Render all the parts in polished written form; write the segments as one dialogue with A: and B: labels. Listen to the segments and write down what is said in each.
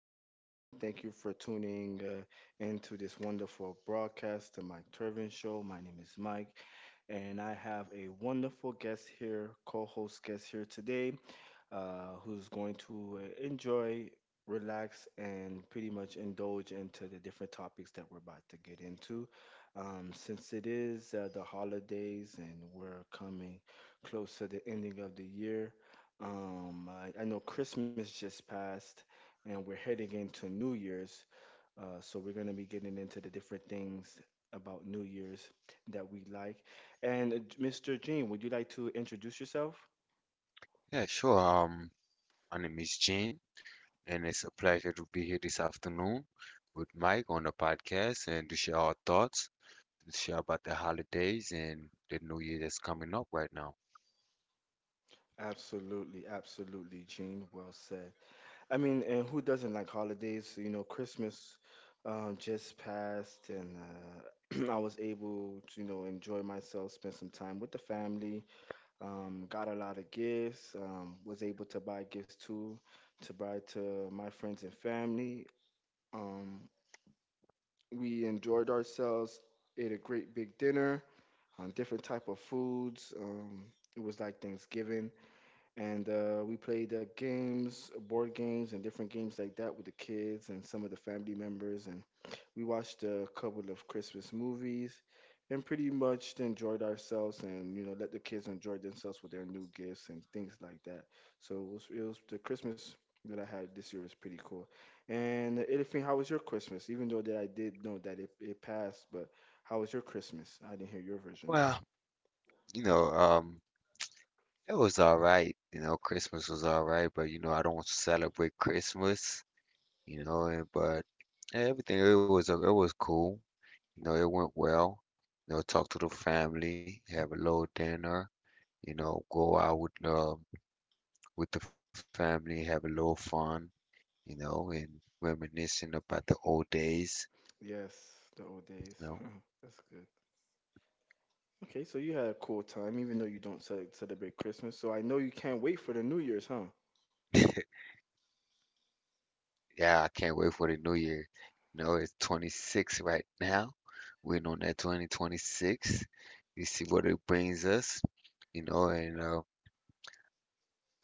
A: everyone. Thank you for tuning into this wonderful broadcast, the Mike Turvin Show. My name is Mike, and I have a wonderful guest here, co host guest here today, who's going to enjoy, relax, and pretty much indulge into the different topics that we're about to get into. Since it is the holidays and we're coming close to the ending of the year, I know Christmas just passed and we're heading into New Year's. So we're going to be getting into the different things about New Year's that we like. And Mr. Jean, would you like to introduce yourself?
B: Yeah, sure. My name is Gene, and it's a pleasure to be here this afternoon with Mike on the podcast and to share our thoughts, to share about the holidays and the new year that's coming up right now.
A: Absolutely, absolutely, Gene. Well said. I mean, and who doesn't like holidays? You know, Christmas just passed, and I was able to, you know, enjoy myself, spend some time with the family. Got a lot of gifts. Was able to buy gifts too, to buy to my friends and family. Um, we enjoyed ourselves. Ate a great big dinner on different type of foods. It was like Thanksgiving, and we played games, board games, and different games like that with the kids and some of the family members. And we watched a couple of Christmas movies, and pretty much enjoyed ourselves, and you know, let the kids enjoy themselves with their new gifts and things like that. So it was the Christmas that I had this year was pretty cool. And Elifin, how was your Christmas? Even though that I did know that it passed, but how was your Christmas? I didn't hear your version of
B: Well,
A: it.
B: you know, it was all right. You know, Christmas was all right, but you know, I don't celebrate Christmas. You know, and, but everything it was it was cool. You know, it went well. You know, talk to the family, have a little dinner. You know, go out with the family, have a little fun, you know, and reminiscing about the old days,
A: Yes, the old
B: you know.
A: days. That's good. Okay, so you had a cool time, even though you don't celebrate Christmas. So I know you can't wait for the New Year's, huh?
B: Yeah, I can't wait for the new year. You know, it's 26 right now. We're on that 2026. We see what it brings us, you know, and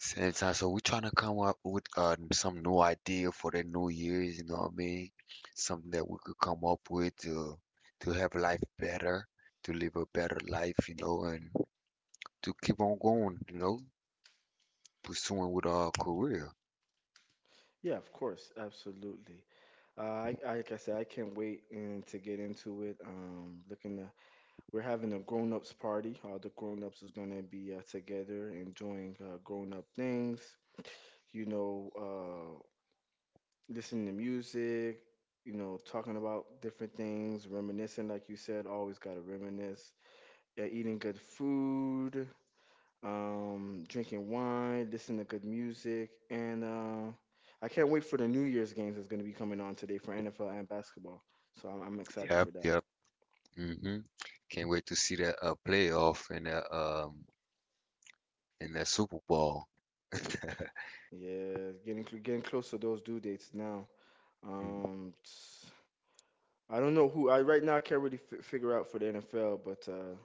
B: same time. So we're trying to come up with some new idea for the new years, you know what I mean? Something that we could come up with to have life better, to live a better life, you know, and to keep on going, you know, pursuing with our career.
A: Yeah, of course, absolutely. Like I said, I can't wait and to get into it. Looking to, we're having a grown-ups party. All the grown-ups is gonna be together and doing grown-up things. You know, listening to music. You know, talking about different things, reminiscing, like you said, always gotta reminisce. Yeah, eating good food, drinking wine, listening to good music, and I can't wait for the New Year's games that's going to be coming on today for NFL and basketball. So I'm excited
B: Yep,
A: for that.
B: yep. Hmm. Can't wait to see that playoff and that Super Bowl.
A: Yeah, getting getting close to those due dates now.
B: Mm.
A: Um, s- I don't know who I right now. I can't really figure out for the NFL, but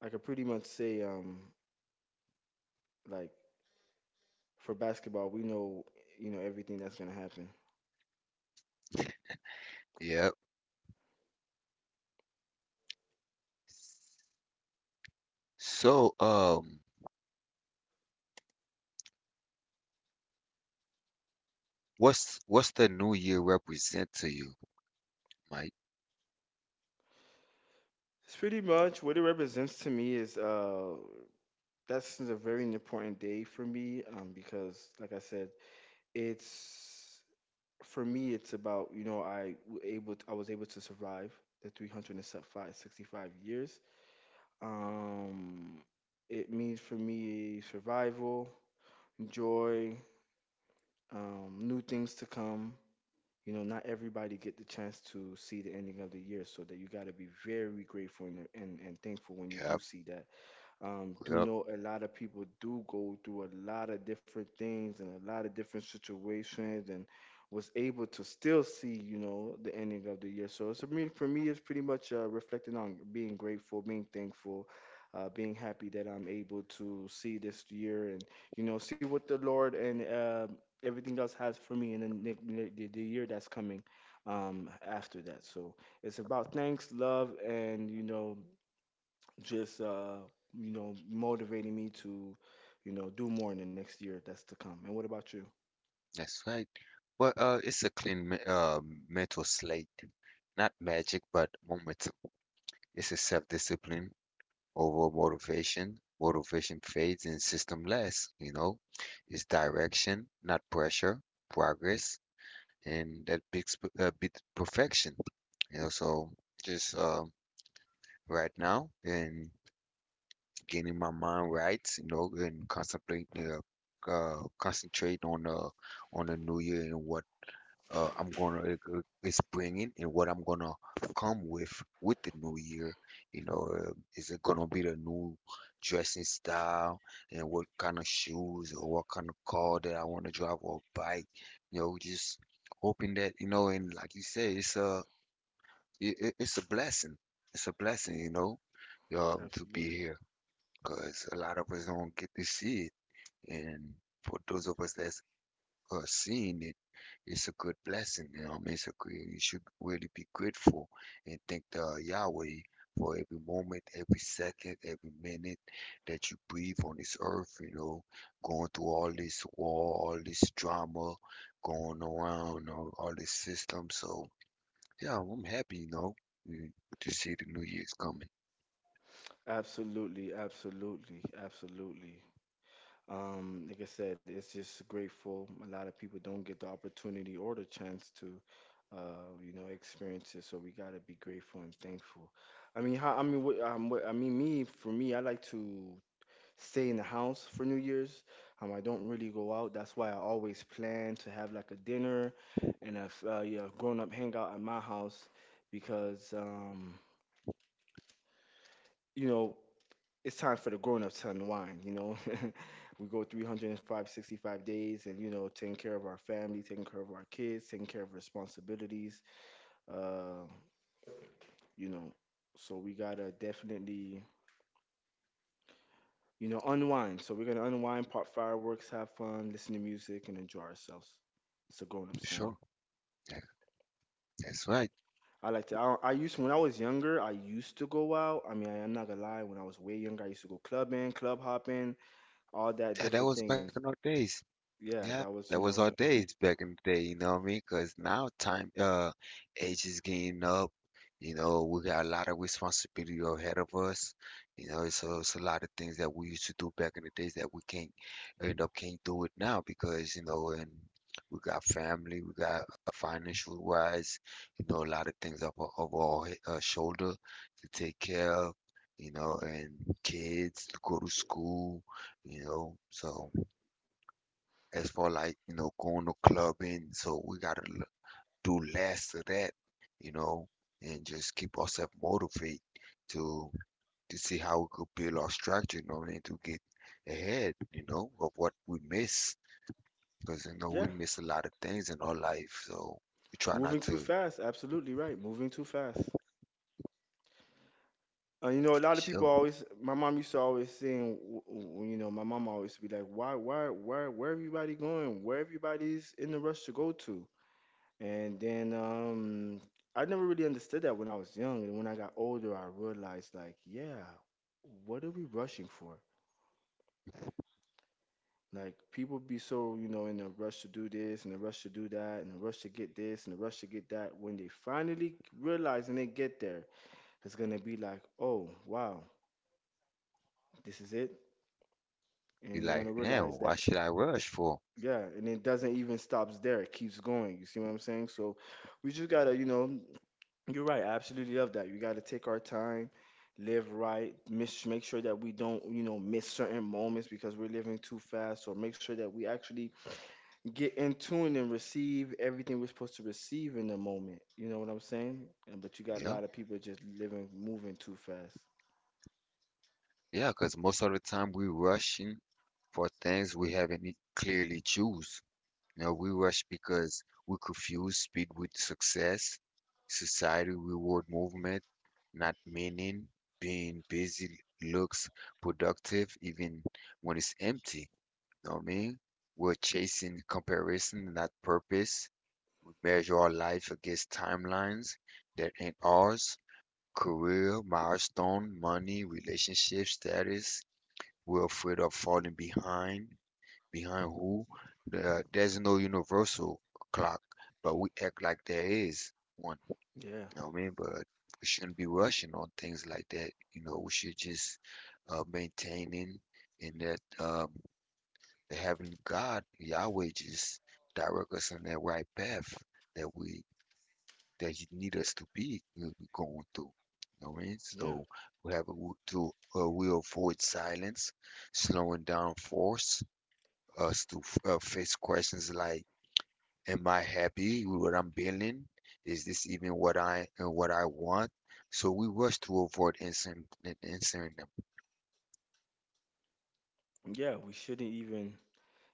A: I could pretty much say like for basketball, we know, you know, everything that's gonna happen.
B: Yep. So, what's the new year represent to you, Mike?
A: It's pretty much what it represents to me is that's a very important day for me, because, like I said, it's for me. It's about, you know, I was able to survive the 365 years. Um, it means for me survival, joy, new things to come. You know, not everybody get the chance to see the ending of the year, so that you got to be very grateful and, and thankful when you do
B: Yep,
A: see that, do
B: yep.
A: know a lot of people do go through a lot of different things and a lot of different situations, and was able to still see, you know, the ending of the year. So it's, I mean, for me, it's pretty much reflecting on being grateful, being thankful, being happy that I'm able to see this year and, you know, see what the Lord and everything else has for me in the year that's coming after that. So it's about thanks, love, and, you know, just you know, motivating me to, you know, do more in the next year that's to come. And what about you?
B: That's right. Well, it's a mental slate, not magic, but momentum. It's a self-discipline over motivation. Motivation fades and system lasts, you know. It's direction, not pressure, progress, and that bit perfection, you know. So just right now and getting my mind right, you know, and concentrate on the new year and what I'm gonna e- e- is bringing and what I'm gonna come with the new year. You know, is it gonna be the new dressing style and what kind of shoes or what kind of car that I want to drive or bike? You know, just hoping that you know, and like you say, it's a it's a blessing. It's a blessing, you know, to be
A: Absolutely.
B: here because a lot of us don't get to see it, and for those of us that seeing it, it's a good blessing. It's a good, you should really be grateful and thank the Yahweh for every moment, every second, every minute that you breathe on this earth. You know, going through all this war, all this drama going around, all this system. So yeah, I'm happy. You know, mm, to see the new year's coming.
A: Absolutely, absolutely, absolutely. Like I said, it's just grateful. A lot of people don't get the opportunity or the chance to, you know, experience it. So we gotta be grateful and thankful. I mean, how? I mean, what, I mean, me for me, I like to stay in the house for New Year's. I don't really go out. That's why I always plan to have like a dinner and a yeah, grown-up hangout at my house because you know, it's time for the grown-ups to unwind. You know, we go 305, days, and you know, taking care of our family, taking care of our kids, taking care of responsibilities. Uh, you know, so we gotta definitely, you know, unwind. So we're gonna unwind, pop fireworks, have fun, listen to music, and enjoy ourselves. It's a grown-ups time.
B: Sure. Yeah, that's right.
A: I like to. I used when I was younger. I used to go out. I mean, I am not gonna lie. When I was way younger, I used to go clubbing, club hopping, all that
B: Yeah, that
A: different
B: was
A: thing.
B: back
A: And
B: in our days.
A: yeah,
B: Yeah,
A: that
B: that
A: was, you
B: was our
A: know,
B: days back in the day, you know what I mean? 'Cause now time, age is getting up. You know, we got a lot of responsibility ahead of us. You know, so it's a lot of things that we used to do back in the days that we can't end up can't do it now because, you know, and we got family, we got financial wise, you know, a lot of things up over our shoulder to take care of, you know, and kids to go to school, you know, so as far like you know going to clubbing so we gotta do less of that you know and just keep ourselves motivated to to see how we could build our structure you know what I mean to get ahead you know of what we miss because you know we
A: yeah,
B: miss a lot of things in our life so we try not
A: moving
B: to
A: too
B: for
A: fast. Absolutely right, moving too fast. You know, a lot of people
B: sure
A: always. My mom used to always saying, you know, my mom always be like, why, where everybody going? Where everybody's in the rush to go to? And then I never really understood that when I was young. And when I got older, I realized like, yeah, what are we rushing for? Like people be so, you know, in a rush to do this, in a rush to do that, in a rush to get this, in a rush to get that. When they finally realize and they get there, it's gonna be like, oh wow, this is it.
B: be
A: And they're gonna
B: like damn
A: realize
B: why
A: that,
B: should I rush for
A: yeah, and it doesn't even stops there. It keeps going. You see what I'm saying? So we just gotta, you know, you're right. I absolutely love that. You got to take our time, live right, miss, make sure that we don't, you know, miss certain moments because we're living too fast, or make sure that we actually get in tune and receive everything we're supposed to receive in the moment. You know what I'm saying? And but you got
B: you
A: a
B: know
A: lot of people just living, moving too fast.
B: yeah because most of the time we rushing for things we haven't clearly choose. You know, we rush because we confuse speed with success. Society reward movement, not meaning. Being busy looks productive even when it's empty. You know what I mean? We're chasing comparison, not purpose. We measure our life against timelines that ain't ours. Career, milestone, money, relationship, status. We're afraid of falling behind behind who? There's no universal clock, but we act like there is one. You
A: Yeah,
B: know what I mean? But we shouldn't be rushing on things like that. You know, we should just maintaining in that having God, Yahweh, just direct us on that right path that we that you need us to be we going through. You know what I mean?
A: yeah,
B: So we have a, we to we avoid silence, slowing down force us to face questions like am I happy with what I'm building? Is this even what I and what I want? So we rush to avoid answering them.
A: yeah. We shouldn't even.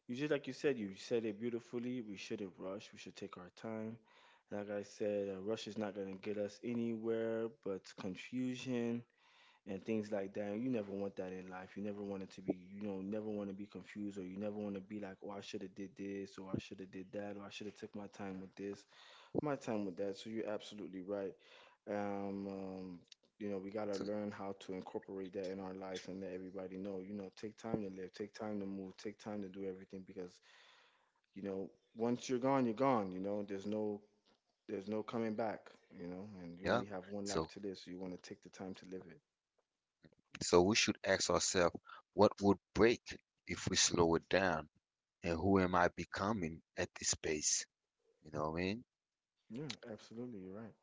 A: You just like you said. You said it beautifully. We shouldn't rush. We should take our time. Like I said, a rush is not gonna get us anywhere but confusion and things like that. And you never want that in life. You never want it to be, you know, never want to be confused, or you never want to be like, oh, I should have did this, or I should have did that, or I should have took my time with this, my time with that. So you're absolutely right. Um, um, you know, we gotta
B: So
A: learn how to incorporate that in our lives and let everybody know. You know, take time to live, take time to move, take time to do everything because, you know, once you're gone, you're gone. You know, there's no coming back. You know, and you
B: yeah.
A: only have one life
B: So
A: to live, so you want to take the time to live it.
B: so we should ask ourselves, what would break if we slow it down? And who am I becoming at this pace? You know what I mean?
A: Yeah, absolutely, you're right.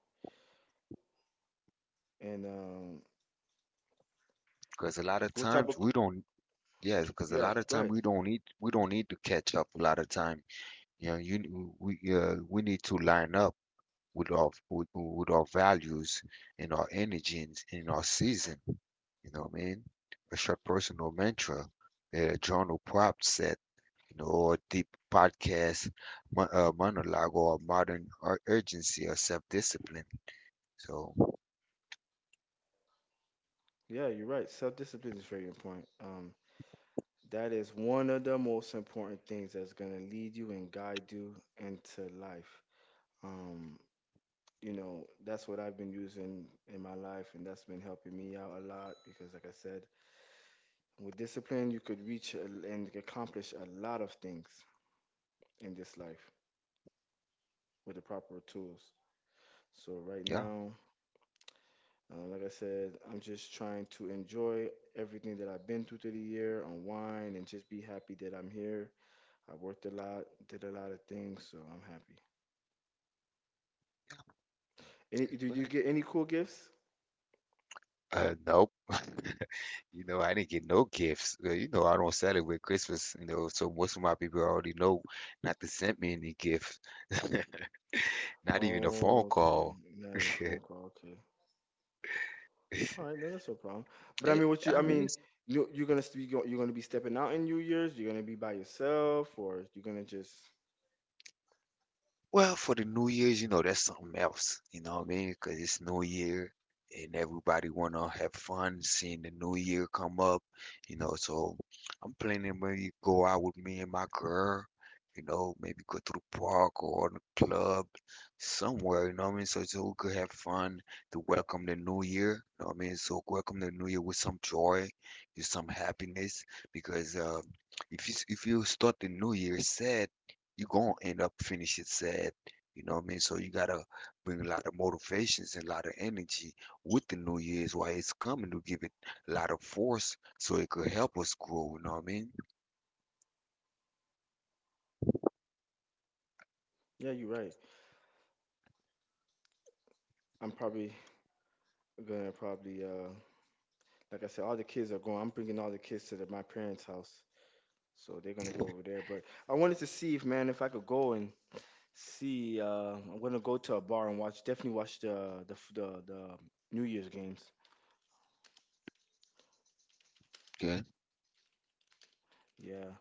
A: And
B: Because a lot of
A: what type
B: times
A: of,
B: we don't yeah, because a
A: yeah?
B: lot of
A: Go
B: time
A: ahead.
B: we don't need to catch up a lot of time. You know, you we need to line up with our values and our energy and our season. You know what I mean? A short personal mantra. John O'Prop said, you know, or deep podcast, monologue, or modern urgency or self discipline. So,
A: Yeah, you're right. Self discipline is very important. That is one of the most important things that's gonna lead you and guide you into life. Um, you know, that's what I've been using in my life, and that's been helping me out a lot because, like I said, with discipline, you could reach and accomplish a lot of things in this life with the proper tools. So right
B: yeah,
A: now, like I said, I'm just trying to enjoy everything that I've been through through the year, unwind, and just be happy that I'm here. I worked a lot, did a lot of things, so I'm happy. Any, did you
B: right.
A: get any cool gifts?
B: Nope. You know, I didn't get no gifts. You know, I don't celebrate Christmas, you know, so most of my people already know not to send me any gifts, not even a phone
A: Oh, okay.
B: call.
A: Now your phone call. Okay.
B: Eh,
A: All right. No, that's no problem. But I mean, what you? I
B: I mean,
A: mean,
B: it's
A: you're gonna be stepping out in New Year's. You're gonna be by yourself, or you're gonna just.
B: well for the New Year's, you know, that's something else. You know what I mean? Because it's New Year and everybody wanna have fun seeing the New Year come up. You know, so I'm planning maybe go out with me and my girl. You know, maybe go to the park or the club somewhere. You know what I mean? So we could have fun to welcome the New Year. You know what I mean? So welcome the New Year with some joy, with some happiness, because if you if you start the New Year sad you gonna end up finishing sad. You know what I mean? So you gotta bring a lot of motivations and a lot of energy with the New Year's while it's coming to give it a lot of force so it could help us grow, you know what I mean?
A: Yeah, you're right. I'm probably gonna probably like I said, all the kids are going. I'm bringing all the kids to the, my parents' house. So they're gonna go over there. But I wanted to see if man, if I could go and see. I'm gonna go to a bar and watch. Definitely watch the New Year's games.
B: Okay.
A: Yeah.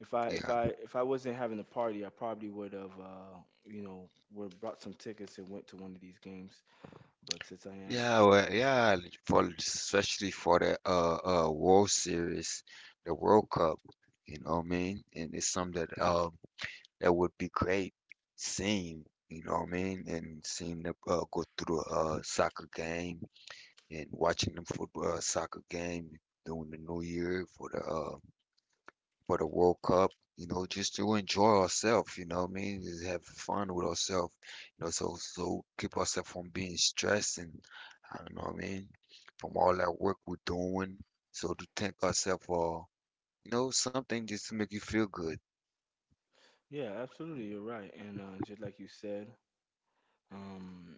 A: If I if
B: Yeah.
A: I if I wasn't having a party, I probably would have you know, would brought some tickets and went to one of these games. But since I am,
B: Yeah, well, yeah, for especially for the World Series, the World Cup, you know what I mean? And it's something that that would be great seeing, you know what I mean? And seeing them go through the soccer game and watching them football soccer game during the New Year for the World Cup. You know, just to enjoy ourselves. You know what I mean? Just have fun with ourselves. You know, so so keep ourselves from being stressed and I don't know what I mean from all that work we're doing. So to thank ourselves for you know something just to make you feel good
A: yeah, absolutely, you're right. And just like you said, um,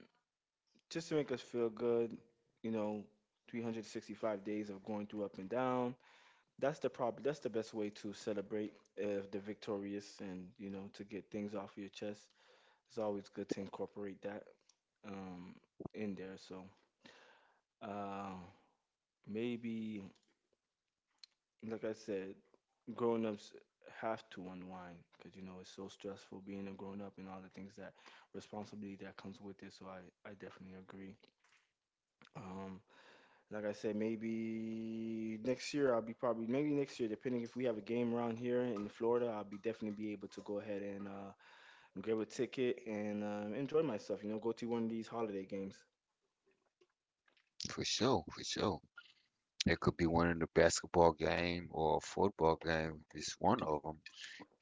A: just to make us feel good, you know, 365 days of going through up and down. That's the best way to celebrate if they're victorious, and you know, to get things off your chest. It's always good to incorporate that um in there. So uh maybe, like I said, grown ups have to unwind because, you know, it's so stressful being a grown up and all the things that responsibility that comes with it. So I definitely agree. Um like I said, maybe next year I'll be probably maybe next year, depending if we have a game around here in Florida, I'll be definitely be able to go ahead and grab a ticket and enjoy myself. You know, go to one of these holiday games.
B: for sure, for sure. It could be one in the basketball game or a football game. It's one of them.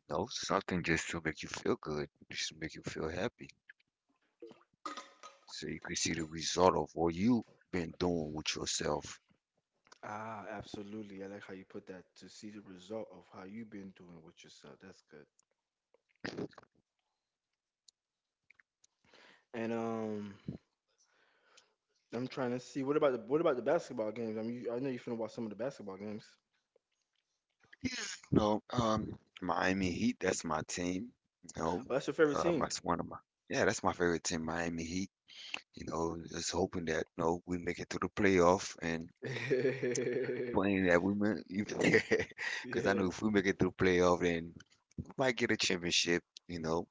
B: No, something just to make you feel good, just to make you feel happy, so you can see the result of what you have been doing with yourself.
A: Ah, absolutely. I like how you put that, to see the result of how you've been doing with yourself. That's good. And I'm trying to see, what about the basketball games? I mean, you, I know you're finna watch some of the basketball games.
B: No, Miami Heat. That's my team. You know,
A: Well, that's your favorite team.
B: that's one of my yeah, that's my favorite team, Miami Heat. You know, just hoping that you know we make it to the playoff and playing that we because I
A: Yeah,
B: know if we make it through playoff, then we might get a championship. You know,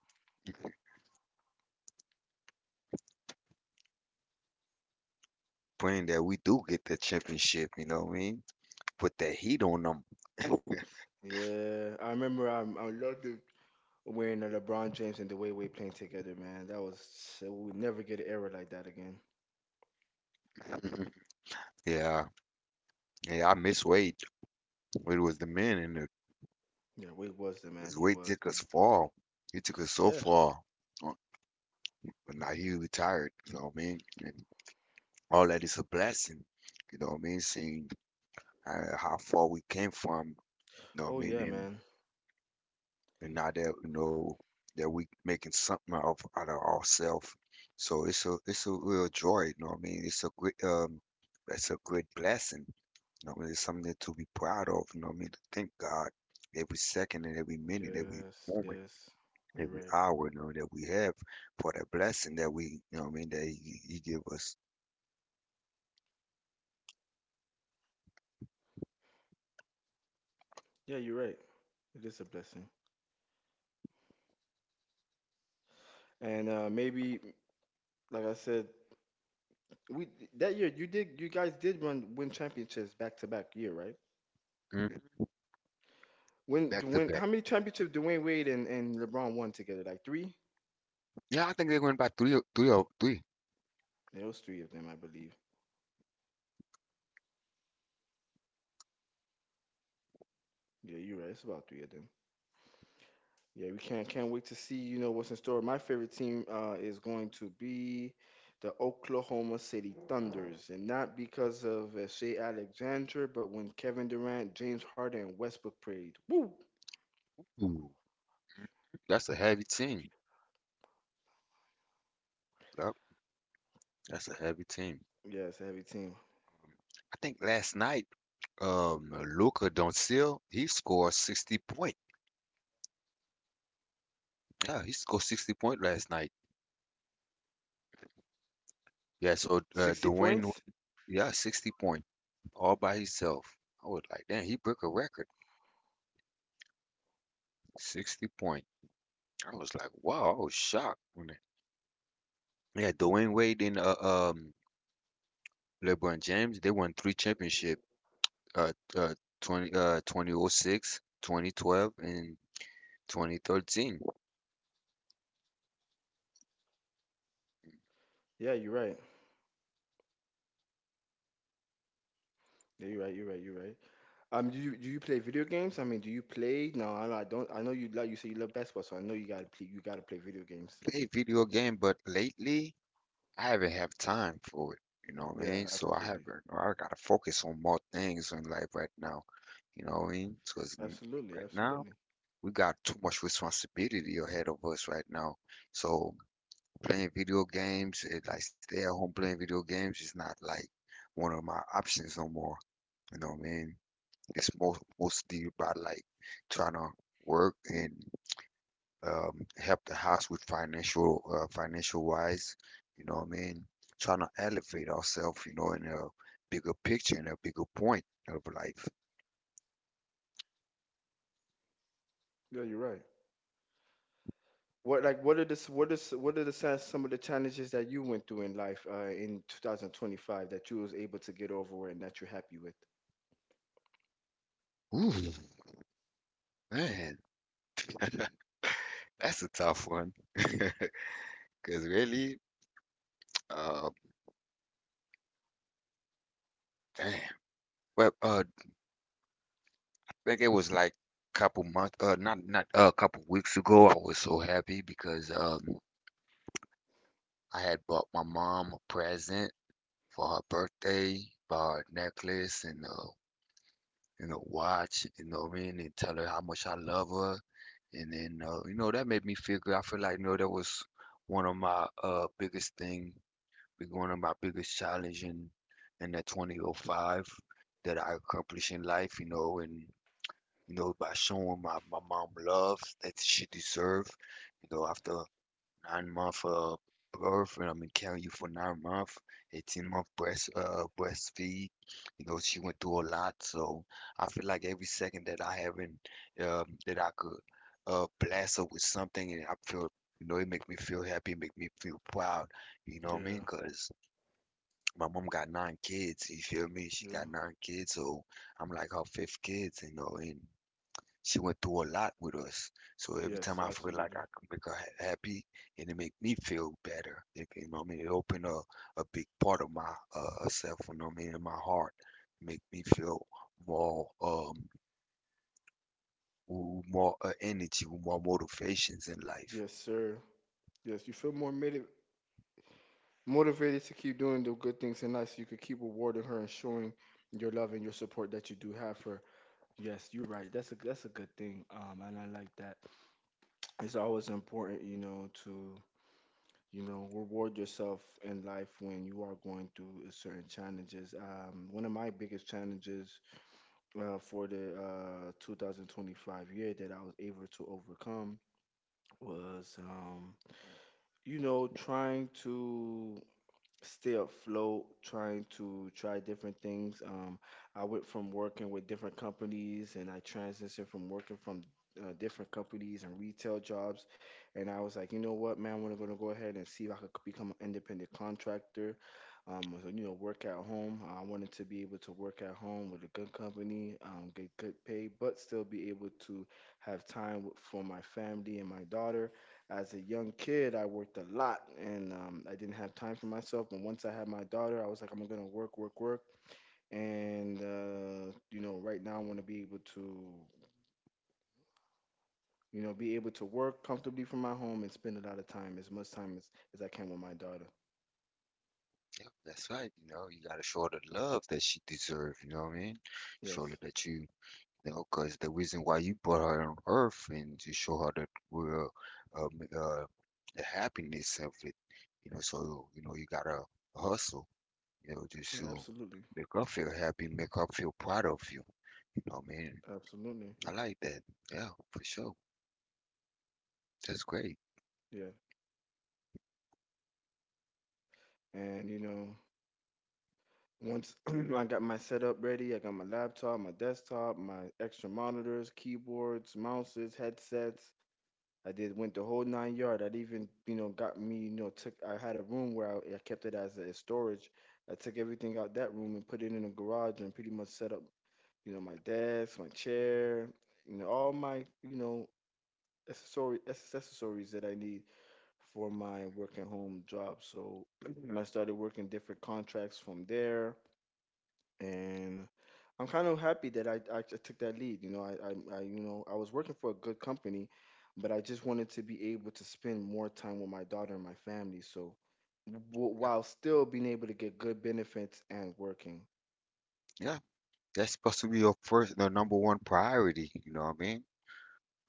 B: praying that we do get that championship. You know what I mean? Put that heat on them.
A: yeah. I remember I loved it, wearing the LeBron James and the way we playing together, man. That was, we would never get an era like that again.
B: Yeah, yeah. I miss Wade. It was the men, and the,
A: Yeah, Wade was the man.
B: 'cause
A: He
B: Wade
A: was.
B: took us far. He took us so
A: Yeah.
B: far. Uh, But now he retired. You know what I mean? And all that is a blessing. You know what I mean? Seeing how far we came from. You know what I
A: Oh
B: mean?
A: yeah, man.
B: And now that we know that we making something out of ourselves. So it's a real joy, you know what I mean? It's a great blessing. You know what I mean? It's something to be proud of, you know what I mean? To thank God every second and every minute, every
A: Yes,
B: moment,
A: yes, you're
B: every
A: right.
B: hour, you know, that we have for that blessing that we you know what I mean that he give us.
A: Yeah, you're right. It is a blessing. And maybe, like I said, we that year, you guys did run win championships back to back year, right?
B: Mhm.
A: When
B: Back to back.
A: how many championships Dwayne Wade and LeBron won together? Like three?
B: Yeah, I think they went by three or three.
A: Yeah, it was three of them, I believe. Yeah, you're right. It's about three of them. Yeah, we can't wait to see, you know, what's in store. My favorite team is going to be the Oklahoma City Thunders, and not because of Shea Alexander, but when Kevin Durant, James Harden, and Westbrook played. Woo!
B: Ooh, that's a heavy team. Yep, that's a heavy team.
A: Yeah, it's a heavy team.
B: I think last night, Luka Doncic, he scored 60 point. Yeah, he scored 60 point last night. Yeah, so
A: Sixty
B: Dwayne,
A: points?
B: yeah, 60 point all by himself. I was like, damn, he broke a record. 60 point. I was like, wow, I was shocked when they, yeah, Dwayne Wade and LeBron James, they won three championship uh uh 20 2006, 2012, and 2013.
A: Yeah, you're right. Yeah, you're right. You're right. You're right. Do you play video games? I mean, do you play? No, I don't. I know, you like — you say you love basketball, so I know you gotta play. You gotta play video games.
B: Play video game, but lately I haven't have time for it, you know what I
A: Yeah,
B: mean?
A: absolutely,
B: I gotta focus on more things in life right now, you know what I mean? Because
A: absolutely,
B: right now
A: absolutely.
B: we got too much responsibility ahead of us right now. So playing video games, like stay at home playing video games is not like one of my options no more. You know what I mean? It's mostly about like trying to work and help the house with financial financial wise. You know what I mean? Trying to elevate ourselves, you know, in a bigger picture, in a bigger point of life.
A: Yeah, you're right. What is what are the sa- some of the challenges that you went through in life in 2025 that you was able to get over and that you're happy with?
B: Ooh, man, that's a tough one. Cause really, uh, damn. Well, uh, Like it was like couple months, not a couple weeks ago. I was so happy because I had bought my mom a present for her birthday, bought her a necklace and a watch, you know what I mean, and tell her how much I love her. And then you know, that made me feel good. I feel like you know that was one of my biggest thing, one of my biggest challenge in that 2005 that I accomplished in life, you know, and you know, by showing my mom love that she deserved. You know, after 9 month birth, and I mean, carrying you for 9 month, 18 month breastfeed. You know, she went through a lot, so I feel like every second that I haven't that I could bless her with something, and I feel. You know, it make me feel happy, it make me feel proud. You know what I mean?
A: Yeah,
B: Cause my mom got nine kids. You feel me? She
A: yeah,
B: got nine kids, so I'm like her fifth kids. You know, and she went through a lot with us. So every
A: yes,
B: time I feel like
A: absolutely,
B: I can make her happy and it make me feel better, you know what I mean? It opened a big part of my self, you know what I mean, in my heart. Make me feel more more energy, more motivations in life.
A: yes, sir, yes. You feel more motivated to keep doing the good things in life, so you could keep rewarding her and showing your love and your support that you do have for her. Yes, you're right. That's a good thing. And I like that. It's always important, you know, to, you know, reward yourself in life when you are going through a certain challenges. One of my biggest challenges for the 2025 year that I was able to overcome was you know, trying to stay afloat, trying to try different things. I went from working with different companies and I transitioned from working from different companies and retail jobs. And I was like, you know what, man, I'm gonna go ahead and see if I could become an independent contractor. So, you know, work at home. I wanted to be able to work at home with a good company, get good pay, but still be able to have time for my family and my daughter. As a young kid, I worked a lot and I didn't have time for myself. But once I had my daughter, I was like, I'm gonna work, work, work. And you know, right now I want to be able to, you know, be able to work comfortably from my home and spend a lot of time, as much time as I can with my daughter.
B: Yep, that's right. You know, you gotta show her the love that she deserves, you know what I mean? Show her
A: Yes.
B: that you because the reason why you brought her on earth and to show her that real um, uh, the happiness of it, you know. So you know you gotta hustle, you know, just
A: Yeah,
B: to
A: absolutely.
B: make her feel happy, make her feel proud of you. You know, man,
A: Absolutely.
B: I like that. Yeah, for sure. That's great.
A: Yeah. And you know, once I got my setup ready, I got my laptop, my desktop, my extra monitors, keyboards, mouses, headsets. I did went the whole nine yard. I'd even, you know, got me, you know, took — I had a room where I kept it as a storage. I took everything out that room and put it in a garage and pretty much set up, you know, my desk, my chair, you know, all my, you know, accessory accessories that I need for my work at home job. So I started working different contracts from there, and I'm kind of happy that I took that lead. You know, you know, I was working for a good company, but I just wanted to be able to spend more time with my daughter and my family. So, w-
B: Yeah,
A: while still being able to get good benefits and working.
B: yeah, that's supposed to be your first, the number one priority. You know what I mean?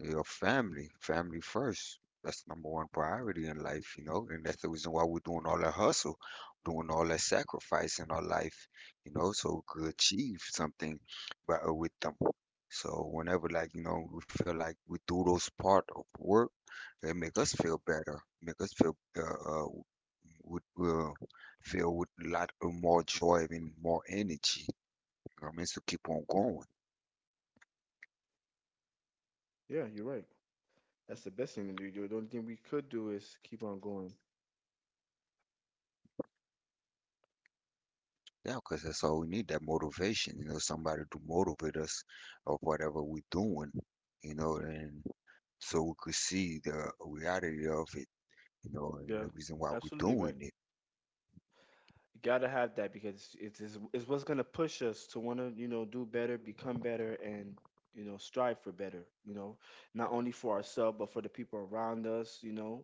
B: Your family, family first. That's number one priority in life, you know, and that's the reason why we're doing all that hustle, doing all that sacrifice in our life, you know, so we could achieve something by, with them. So whenever, like, you know, we feel like we do those part of work, it make us feel better, make us feel, uh, with, uh, feel with a lot of more joy and more energy. You know what I mean, so keep on going.
A: Yeah, you're right. That's the best thing to do. The only thing we could do is keep on going.
B: Yeah, because that's all we need, that motivation, you know, somebody to motivate us of whatever we're doing, you know, and so we could see the reality of it, you know, and
A: Yeah,
B: the reason why we're
A: absolutely right.
B: doing it.
A: You gotta have that because it's what's gonna push us to wanna, you know, do better, become better, and, you know, strive for better, you know, not only for ourselves but for the people around us, you know.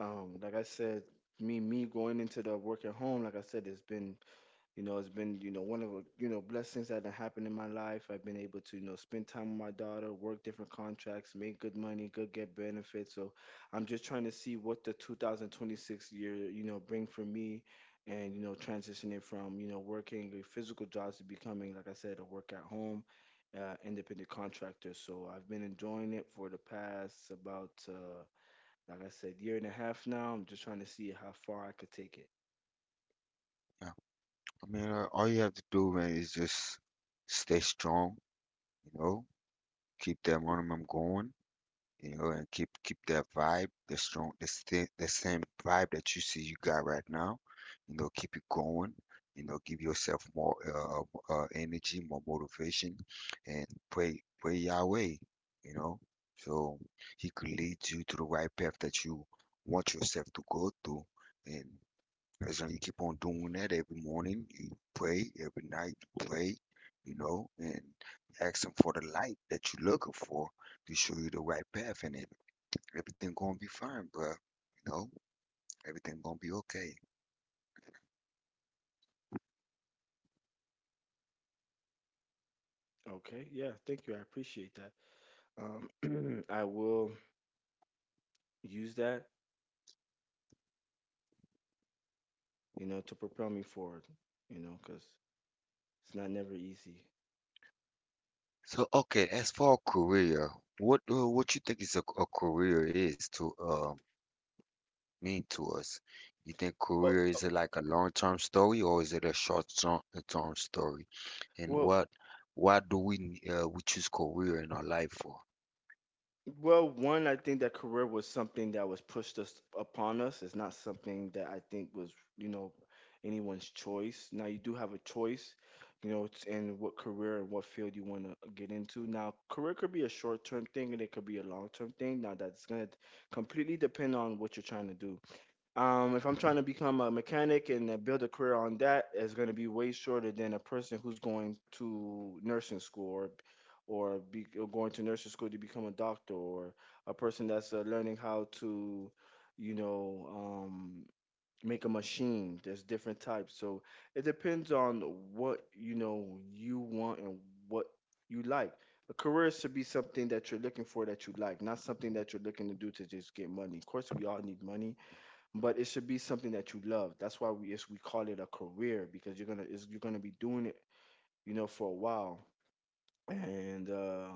A: Like I said, me going into the work at home, like I said, it's been, you know, it's been, you know, one of the, you know, blessings that have happened in my life. I've been able to, you know, spend time with my daughter, work different contracts, make good money, good get benefits. So I'm just trying to see what the 2026 year, you know, bring for me and, you know, transitioning from, you know, working a physical jobs to becoming, like I said, a work at home, independent contractor. So I've been enjoying it for the past about, like I said, year and a half now. I'm just trying to see how far I could take it.
B: Yeah. I mean, all you have to do, man, is just stay strong, you know, keep that momentum going. You know, and keep that vibe, the strong, the, sti- the same vibe that you see you got right now. You know, keep it going. You know, give yourself more energy, more motivation, and pray Yahweh. You know, so He could lead you to the right path that you want yourself to go through, and as long as you keep on doing that every morning, you pray, every night you pray, you know, and ask him for the light that you're looking for to show you the right path and it. Everything gonna be fine, bro. You know, everything gonna be okay.
A: Okay. Yeah. Thank you. I appreciate that. I will use that, you know, to propel me forward, you know, because it's not never easy.
B: So okay, as for a career, what you think is a career is to mean to us? You think
A: Well,
B: career
A: uh,
B: is it like a long-term story or is it a short-term term story? And
A: well,
B: what why do we we choose career in our life for?
A: well. One, I think that career was something that was pushed us upon us. It's not something that I think was, you know, anyone's choice. Now you do have a choice, you know, it's in what career and what field you want to get into. Now, career could be a short term thing and it could be a long term thing. Now, that's gonna completely depend on what you're trying to do. If I'm trying to become a mechanic and build a career on that, it's going to be way shorter than a person who's going to nursing school or or going to nursing school to become a doctor or a person that's learning how to, you know, make a machine. There's different types, so it depends on what you know you want and what you like. A career should be something that you're looking for that you like, not something that you're looking to do to just get money. Of course, we all need money, but it should be something that you love. That's why we call it a career, because you're gonna — you're gonna be doing it, you know, for a while. And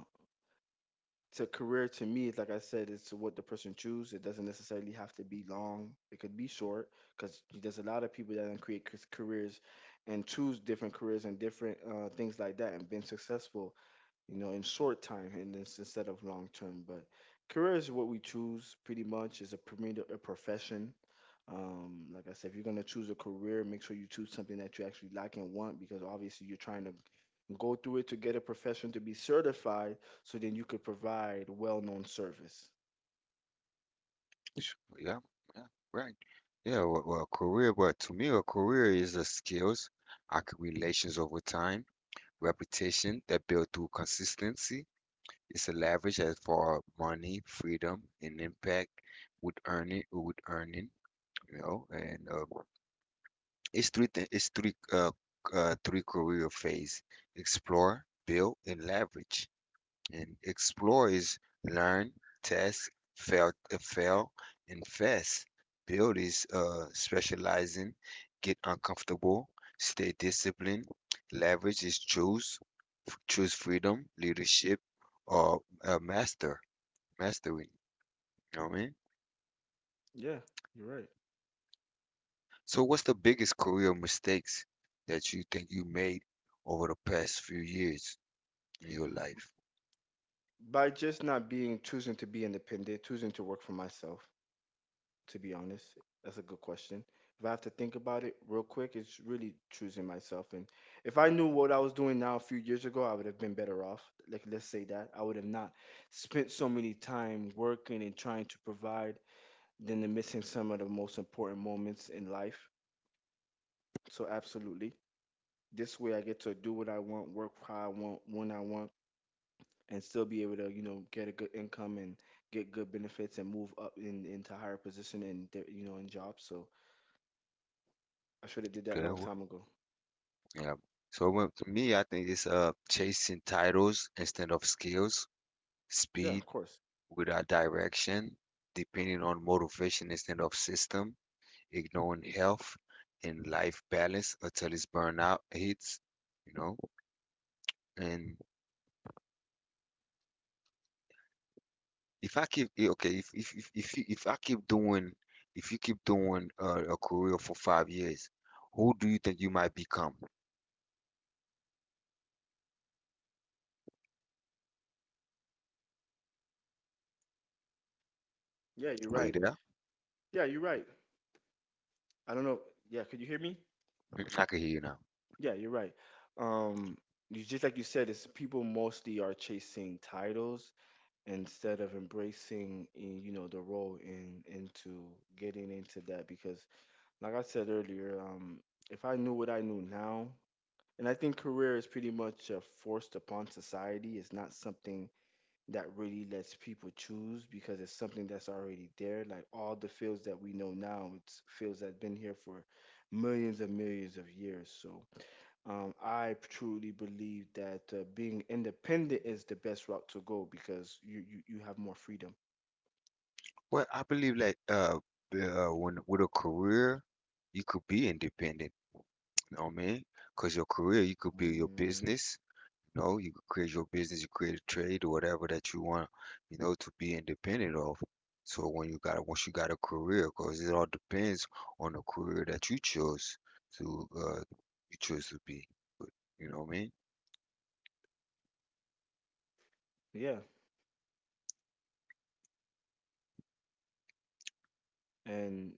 A: to career to me, it's like I said, it's to what the person choose, it doesn't necessarily have to be long, it could be short, because there's a lot of people that can create careers and choose different careers and different things like that and been successful, you know, in short time and this instead of long term. But career is what we choose, pretty much is a, a profession. Like I said, if you're going to choose a career, make sure you choose something that you actually like and want, because obviously you're trying to go through it to get a profession to be certified, so then you could provide well-known service.
B: Yeah, yeah, right. Yeah, career, but to me, a career is a skills, relations over time. Reputation that built through consistency is a leverage as for money, freedom, and impact would earning, you know, and it's it's three three career phase: explore, build, and leverage and explores, learn, test, fail, invest. Build is specializing, get uncomfortable, stay disciplined. Leverage is choose freedom, leadership, or mastering. You know what I mean?
A: Yeah, you're right.
B: So, what's the biggest career mistakes that you think you made over the past few years in your life?
A: By just not being choosing to be independent, choosing to work for myself, to be honest, that's a good question. If I have to think about it real quick, it's really choosing myself. And if I knew what I was doing now a few years ago, I would have been better off. Like, let's say that. I would have not spent so many time working and trying to provide, then they're missing some of the most important moments in life. So, absolutely. This way, I get to do what I want, work how I want, when I want and still be able to, you know, get a good income and get good benefits and move up in into higher position and you know in jobs. So I should have did that
B: Okay,
A: long time ago.
B: yeah. So well, to me, I think it's chasing titles instead of skills,
A: Yeah,
B: speed
A: of course.
B: without direction, depending on motivation instead of system, ignoring health and life balance until it's burnout hits, you know. And if I keep eh, okay, if, you, if I keep doing, if you keep doing a career for 5 years, who do you think you might become?
A: Yeah, you're
B: Are you
A: right.
B: there?
A: Yeah, you're right. I don't know. Yeah, could you hear me?
B: Mm, I can hear you now.
A: Yeah, you're right. Um, you, just like you said, it's people mostly are chasing titles instead of embracing, you know, the role in into getting into that. Because, like I said earlier, if I knew what I knew now, and I think career is pretty much forced upon society. It's not something that really lets people choose because it's something that's already there. Like all the fields that we know now, it's fields that's been here for millions and millions of years. So I truly believe that being independent is the best route to go because you have more freedom.
B: Well, I believe like when with a career, you could be independent. You know what I mean? Because your career, you could build your
A: Mm,
B: business. You know, you could create your business, you create a trade or whatever that you want. You know, to be independent of. So when you got a- once you got a career, because it all depends on the career that to uh you chose to be. But you know what I mean?
A: yeah. And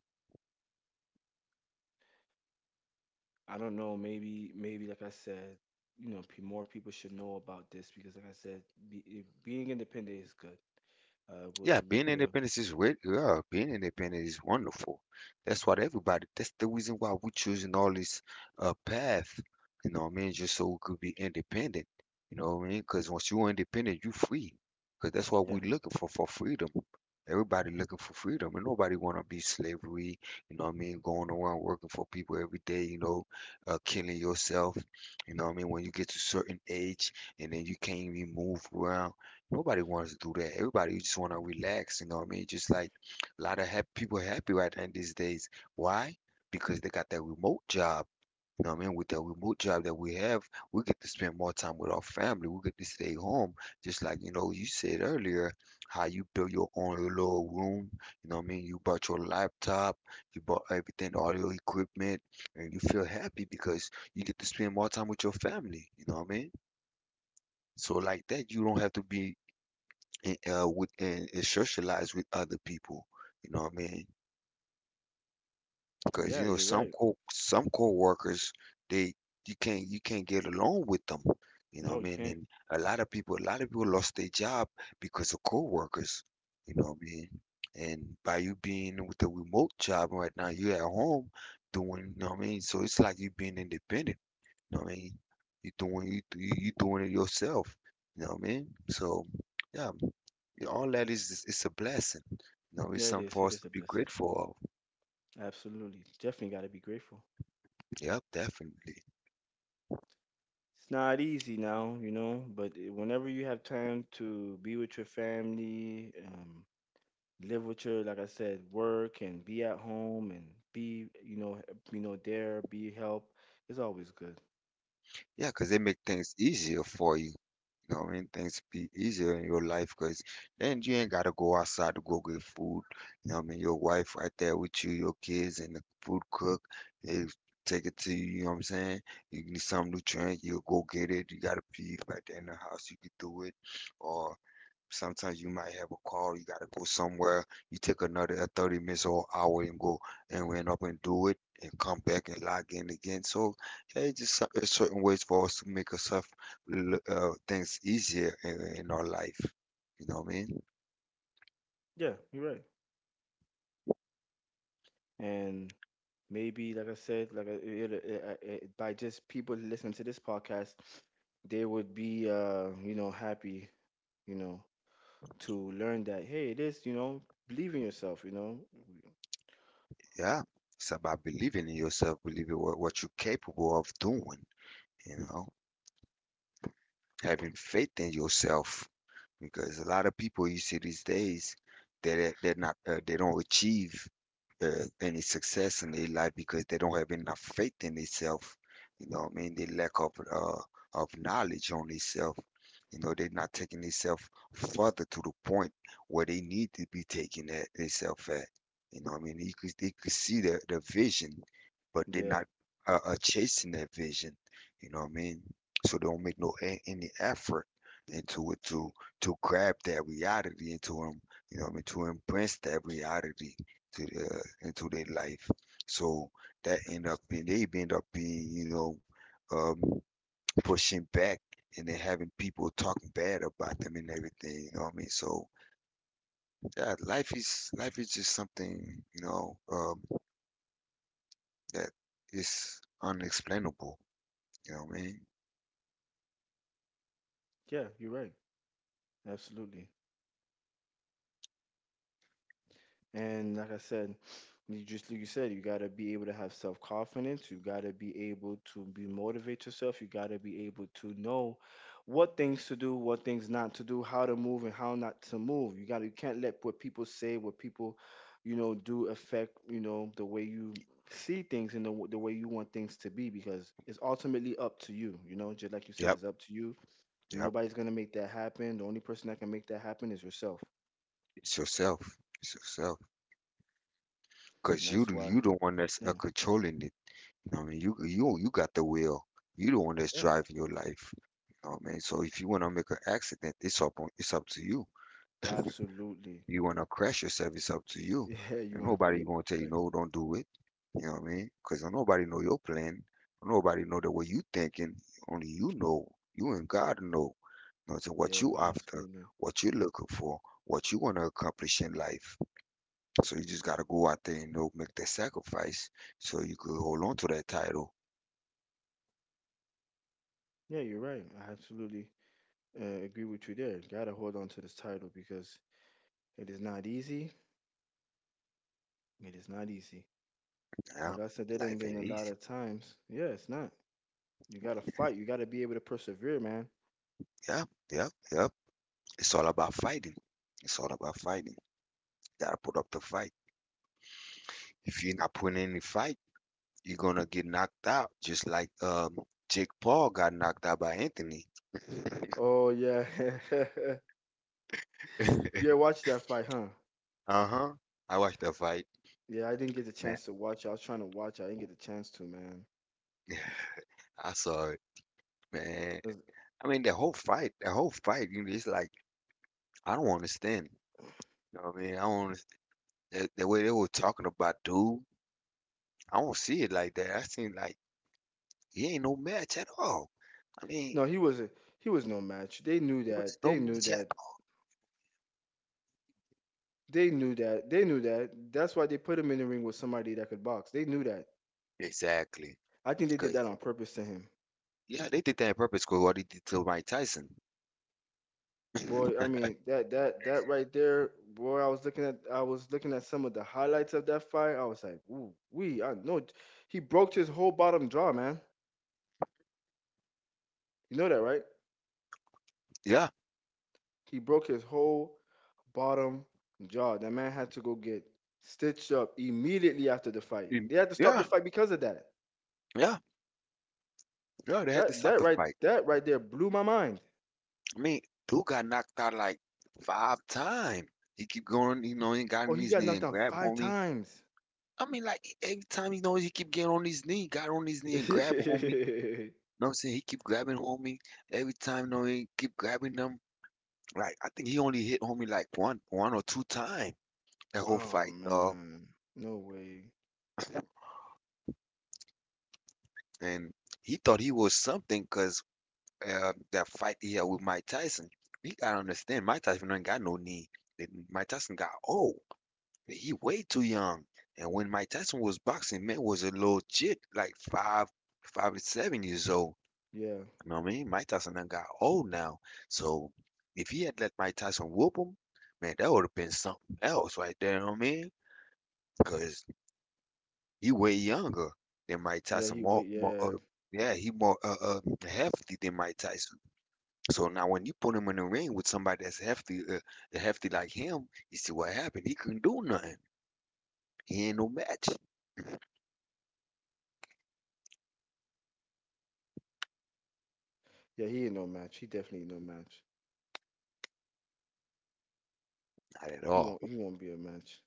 A: I don't know. Maybe like I said, you know, more people should know about this because, like I said, being independent is good. Uh, it was
B: Yeah,
A: um,
B: being
A: eh,
B: independent is great. Yeah, being independent is wonderful. That's what everybody. That's the reason why we choosing all this path. You know what I mean? Just so we could be independent. You know what I mean? Because once you're independent, you free. Because that's what
A: yeah,
B: we're looking for freedom. Everybody looking for freedom, and nobody want to be slavery. You know what I mean? Going around working for people every day. You know, killing yourself. You know what I mean? When you get to certain age, and then you can't even move around. Nobody wants to do that. Everybody just want to relax, you know what I mean? Just like a lot of happy people happy right now these days. Why? Because they got that remote job. You know what I mean? With that remote job that we have, we get to spend more time with our family. We get to stay home. Just like, you know, you said earlier, how you built your own little room. You know what I mean? You bought your laptop, you bought everything, all your equipment, and you feel happy because you get to spend more time with your family. You know what I mean? So like that, you don't have to be and socialize with other people. You know what I mean? Because you
A: yeah.
B: know
A: You're right.
B: some co-workers they you can't get along with them. You know what I
A: No, you
B: mean?
A: can't.
B: And a lot of people lost their job because of co-workers. You know what I mean? And by you being with the remote job right now, you're at home doing, you know what I mean? So it's like you being independent you know what I mean? You doing it yourself. You know what I mean? So yeah, you know, all that is it's a blessing. You know, it's
A: Yeah, it
B: something
A: is.
B: for
A: It
B: us
A: is
B: to
A: a
B: be
A: blessing.
B: grateful of.
A: Absolutely. Definitely got to be grateful.
B: Yep, definitely.
A: It's not easy now, you know, but whenever you have time to be with your family, live with your, like I said, work and be at home and be, you know, you know, there, be help, it's always good.
B: Yeah, because they make things easier for you. You know, and things be easier in your life because then you ain't gotta go outside to go get food. You know what I mean? Your wife right there with you, your kids and the food cook, they take it to you, you know what I'm saying? You need something to drink, you'll go get it. You gotta pee right there in the house, you can do it. Or sometimes you might have a call, you gotta go somewhere. You take another 30 minutes or hour and go and went up and do it and come back and log in again. So yeah, it's just it's certain ways for us to make ourselves things easier in our life. You know what I mean?
A: Yeah, you're right. And maybe like I said, by just people listening to this podcast they would be you know happy, you know, to learn that hey it is, you know, believe in yourself, you know.
B: Yeah, it's about believing in yourself, believing what you're capable of doing, you know, having faith in yourself. Because a lot of people you see these days, they're not, they don't achieve uh, any success in their life because they don't have enough faith in themselves. You know what I mean, they lack of knowledge on themselves. You know, they're not taking themselves further to the point where they need to be taking that themselves at. You know what I mean, you could they could see the vision, but they're
A: Yeah,
B: not chasing that vision. You know what I mean, so they don't make no any effort into it to grab that reality into them. You know what I mean, to embrace that reality to their into their life. So that end up being they end up being, you know, um, pushing back, and then having people talking bad about them and everything. You know what I mean? So yeah, life is just something, you know, that is unexplainable. You know what I mean?
A: yeah, you're right. Absolutely. And like I said, you, just like you said, you gotta be able to have self confidence. You gotta be able to be motivate yourself. You gotta be able to know what things to do, what things not to do, how to move and how not to move. You gotta, you can't let what people say, what people, you know, do affect you know the way you see things and the way you want things to be because it's ultimately up to you. You know, just like you said, it's
B: Yep.
A: up to you.
B: Yep.
A: Nobody's gonna make that happen. The only person that can make that happen is yourself.
B: It's yourself. It's yourself.
A: And
B: Cause you
A: that's
B: the
A: why.
B: one that's
A: Yeah.
B: controlling it. You know what I mean, you got the will. You the one that's
A: Yeah.
B: driving your life. You know what I mean? So if you want to make an accident, it's up to you.
A: Absolutely.
B: You want to crash yourself, it's up to you.
A: Yeah, you
B: And
A: want to
B: nobody
A: create.
B: gonna tell you
A: Right.
B: no, don't do it. You know what I mean? Cause nobody know your plan. Nobody know the way you thinking. Only you know. You and God know. You know what I'm saying? What
A: Yeah,
B: you after,
A: absolutely.
B: what you looking for, what you want to accomplish in life. So you just gotta go out there and know make that sacrifice so you could hold on to that title.
A: Yeah, you're right. I absolutely agree with you there. Gotta hold on to this title because it is not easy. It is not easy.
B: Yeah.
A: Like I said, there done
B: Life
A: been
B: ain't
A: a lot
B: easy.
A: of times. Yeah, it's not. You gotta fight. You gotta be able to persevere, man.
B: Yeah, yep, yep. It's all about fighting. It's all about fighting. You gotta put up the fight. If you're not
A: Yeah.
B: putting in any fight, you're gonna get knocked out, just like Jake Paul got knocked out by Anthony.
A: Oh yeah. Yeah, watch that fight, huh?
B: Uh-huh. I watched that fight,
A: Yeah, I didn't get the
B: man.
A: chance to watch. I was trying to watch. I didn't get the chance to, man.
B: I saw it, man.
A: 'Cause-
B: I mean, the whole fight, you know, it's like I don't understand. You know what I mean? I don't. The way they were talking about dude, I don't see it like that. I seen like he ain't no match at all. I mean, he
A: no, he was a, he was no match. They knew
B: was
A: that.
B: no
A: They knew
B: match at
A: that. They knew that. They knew that. That's why they put him in the ring with somebody that could box. They knew that.
B: all. Exactly.
A: I think they did
B: Because
A: that on purpose to him.
B: yeah, they did that on purpose because what he did to Mike Tyson.
A: Boy, I mean that right there, boy, I was looking at some of the highlights of that fight. I was like, ooh, we, I know it. He broke his whole bottom jaw, man. You know that, right?
B: Yeah.
A: He broke his whole bottom jaw. That man had to go get stitched up immediately after the fight.
B: Mm,
A: They had to stop the
B: yeah.
A: fight because of that.
B: Yeah. Yeah. They had to
A: That
B: stop
A: that
B: the
A: right
B: fight.
A: that right there blew my mind.
B: I mean, dude got knocked out like five times. He keep going, you know, he got
A: Oh,
B: on
A: he
B: his
A: got
B: knee
A: knocked
B: and
A: down
B: grab
A: five
B: homie.
A: times.
B: I mean, like every time he knows he keep getting on his knee, got on his knee and grab homie. You know what I'm saying? He keep grabbing homie. Every time, you know, he keep grabbing them. Like I think he only hit homie like one or two times that whole
A: Oh
B: fight, dog.
A: man, no way.
B: And he thought he was something because that fight he had with Mike Tyson. He gotta understand Mike Tyson ain't got no knee. And Mike Tyson got old. He way too young. And when Mike Tyson was boxing, man was a little kid, like 5 to 7 years old.
A: Yeah,
B: You know what I mean? Mike Tyson done got old now. So if he had let Mike Tyson whoop him, man, that would have been something else right there. You know what I mean? Because he way younger than Mike
A: yeah,
B: Tyson.
A: he wait.
B: More
A: Yeah,
B: yeah, he more hefty than Mike Tyson. So now when you put him in the ring with somebody that's hefty, hefty like him, you see what happened. He couldn't do nothing. He ain't no match,
A: yeah, he ain't no match. He definitely ain't no match.
B: not at
A: He
B: all,
A: won't. He won't be a match.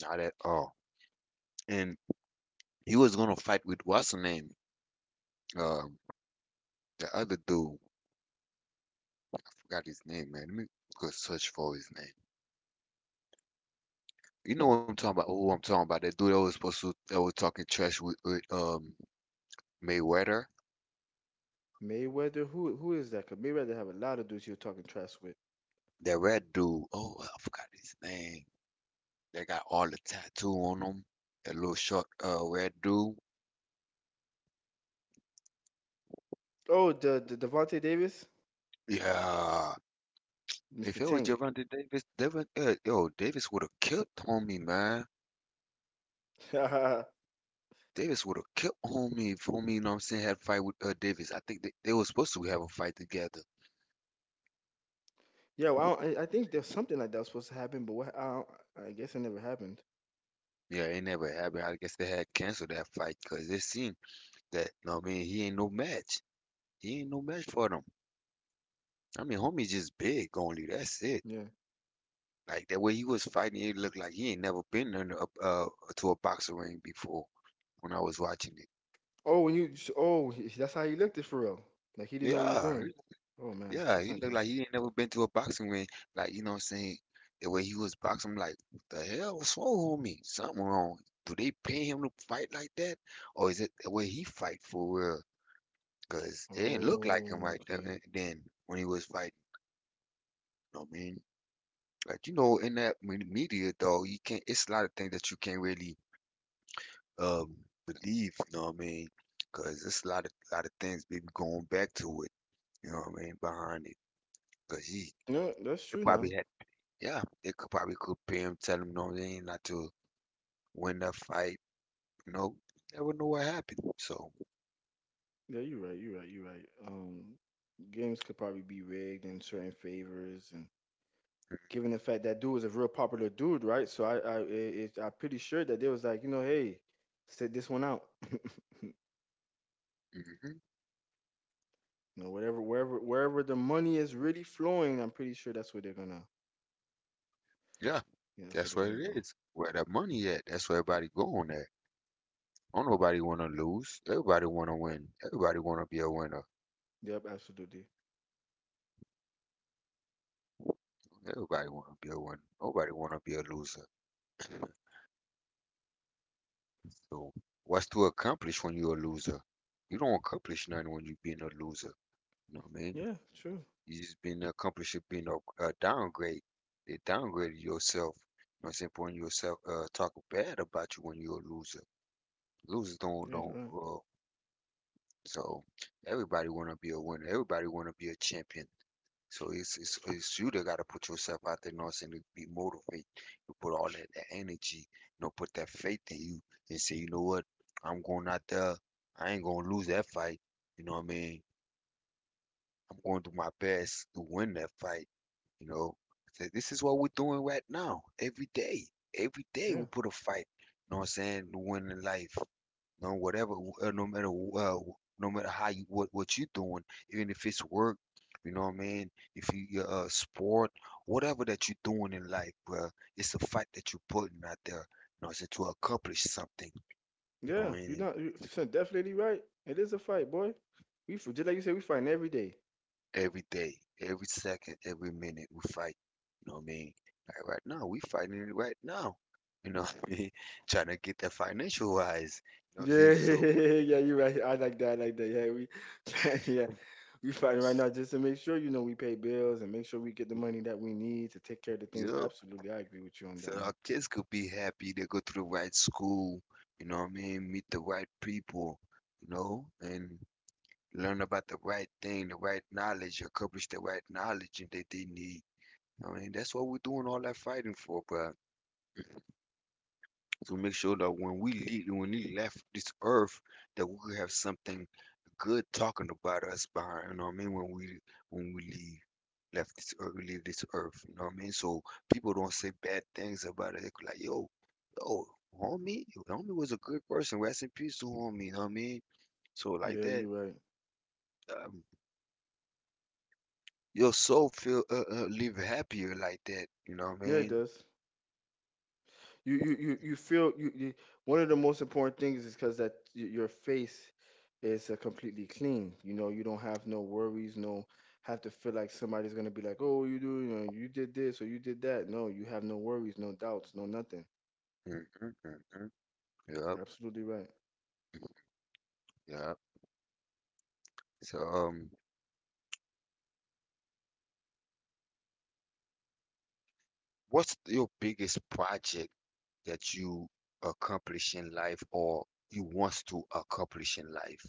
B: not at all. And he was gonna fight with what's her name, um, the other dude. Forgot his name, man. Let me go search for his name. You know what I'm talking about? Who I'm talking about? That dude that was supposed to that was talking trash with Mayweather.
A: Mayweather. Who? Who is that? 'Cause Mayweather have a lot of dudes he was talking trash with.
B: That red dude, oh, I forgot his name. They got all the tattoo on them. That little short, red dude.
A: Oh, the Devontae Davis,
B: Yeah.
A: Mr.
B: If it was
A: Tank.
B: Javante Davis, Devin, yo, Davis would have killed homie, man.
A: Yeah,
B: Davis would have killed homie if homie, you know what I'm saying, had a fight with Davis. I think they were supposed to have a fight together.
A: well, I, don't- I think there's something like that was supposed to happen, but what? I guess it never happened.
B: Yeah, it never happened. I guess they had canceled that fight because it seemed that, you know what I mean, he ain't no match. He ain't no match for them. I mean, homie just big only. That's it.
A: Yeah.
B: Like the way he was fighting, it looked like he ain't never been in a, to a boxing ring before. When I was watching it,
A: Oh, that's how he looked at for real. Like he didn't know what he was
B: yeah,
A: doing.
B: he-
A: Oh man,
B: yeah,
A: that's
B: he
A: not
B: looked
A: good.
B: like he ain't never been to a boxing ring. Like you know what I'm saying? The way he was boxing, I'm like what the hell was wrong with me? Something wrong. Do they pay him to fight like that, or is it the way he fight for real? Cause it didn't look like him
A: Oh,
B: right then,
A: okay.
B: and then when he was fighting. You know what I mean, like you know, in that media though, you can't. It's a lot of things that you can't really um believe, you know what I mean? Cause there's a lot of things baby, going back to it, you know what I mean, behind it. Cause he
A: No, that's
B: they
A: true
B: probably
A: now.
B: had yeah, they could pay him, tell him no, they ain't not to win that fight. You know, never know what happened. So
A: Yeah, you're right. You're right. You're right. Games could probably be rigged in certain favors, and given the fact that dude was a real popular dude, right? So I'm pretty sure that they was like, you know, hey, sit this one out.
B: hmm,
A: You know, whatever, wherever the money is really flowing, I'm pretty sure that's where they're gonna,
B: yeah,
A: yeah, that's where
B: that's
A: they're
B: what
A: gonna
B: it
A: go.
B: is. Where that money at? That's where everybody going at. Don't nobody want to lose. Everybody want to win. Everybody want to be a winner.
A: Yep, absolutely.
B: Everybody want to be a winner. Nobody want to be a loser. So what's to accomplish when you're a loser? You don't accomplish nothing when you being a loser. You know what I mean?
A: Yeah, true.
B: You just been accomplishing being a downgrade. They downgraded yourself. You know what I'm saying? Putting yourself talk bad about you when you're a loser. Losers
A: Yeah, you're
B: don't
A: right.
B: so everybody wanna be a winner. Everybody wanna be a champion. So it's you that got to put yourself out there, you know what I'm saying? To be motivated, to put all that energy, you know, put that faith in you, and say, you know what, I'm going out there. I ain't gonna lose that fight. You know what I mean? I'm going to do my best to win that fight. You know, so this is what we're doing right now, every day. Every day we put a fight. You know what I'm saying? To win in life. No, whatever, uh, no matter uh, no matter how you what you're doing, even if it's work, you know what I mean. If you sport, whatever that you're doing in life, bruh, it's a fight that you're putting out there. You know, it's to accomplish something. You
A: Yeah,
B: know
A: yeah.
B: what,
A: You're
B: and
A: not. You're definitely right. It is a fight, boy. Just like you said, we fight every day.
B: every day, every second, every minute, we fight. You know what I mean? Like right now, we fighting it right now. You know what I mean? Trying to get that financial wise. You know what I'm
A: Yeah,
B: saying? So,
A: yeah, you're right. I like that. I like that. Yeah, we, yeah, we fighting right now just to make sure you know we pay bills and make sure we get the money that we need to take care of the
B: you
A: things.
B: know,
A: Absolutely, I agree with you on
B: so
A: that
B: our
A: one.
B: kids could be happy. They go to the right school, you know what I mean? Meet the right people, you know, and learn about the right thing, the right knowledge, accomplish the right knowledge that they need. I mean, that's what we're doing all that fighting for, bro, to make sure that when we left this earth, that we could have something good talking about us behind. You know what I mean? When we leave, left this earth, we leave this earth. You know what I mean? So people don't say bad things about it. They could like, yo, yo, yo, homie was a good person. Rest in peace to homie. You know what I mean? So like
A: Yeah,
B: that,
A: you're right.
B: um, your soul feel live happier like that. You know what I
A: Yeah, it
B: mean?
A: does. You feel you, you. One of the most important things is because your face is completely clean. You know, you don't have no worries, no have to feel like somebody's gonna be like, oh, you do, you know, you did this or you did that. No, you have no worries, no doubts, no nothing.
B: Mm-hmm, mm-hmm. Yep,
A: Absolutely right.
B: yep. So, what's your biggest project that you accomplish in life or you wants to accomplish in life?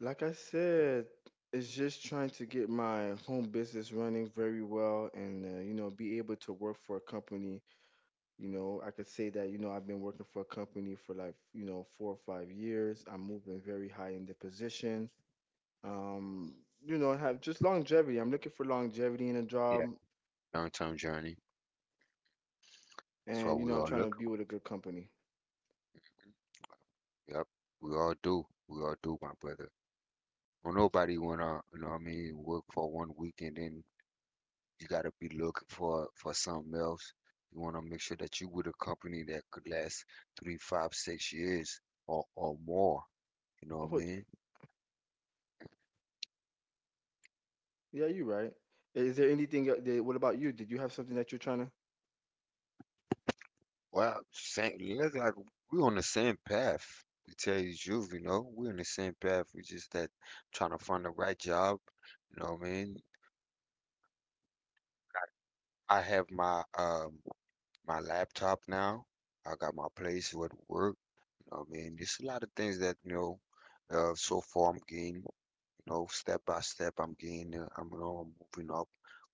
A: Like I said, it's just trying to get my home business running very well and, you know, be able to work for a company. You know, I could say that, you know, I've been working for a company for like, you know, 4 or 5 years. I'm moving very high in the position. Um, you know, I have just longevity. I'm looking for longevity in a
B: Yeah.
A: job
B: Long-term journey. That's
A: and,
B: what
A: you
B: we
A: know, I'm
B: all
A: trying to
B: look.
A: be with a good company.
B: Yep, we all do. We all do, my brother. Well, nobody wanna, you know what I mean, work for 1 week and then you gotta be looking for something else. You wanna make sure that you with a company that could last three, five, 6 years or more. You know what I
A: Oh,
B: mean?
A: yeah, you're right. Is there anything, what about you? Did you have something that you're trying to?
B: Well, same. Look like we're on the same path. To tell you the truth, you know, we're on the same path. We just that trying to find the right job. You know what I mean? I have my my laptop now. I got my place with work. I mean, there's a lot of things that, you know, so far I'm gaining, you know, step by step I'm gaining, I'm, you know, moving up,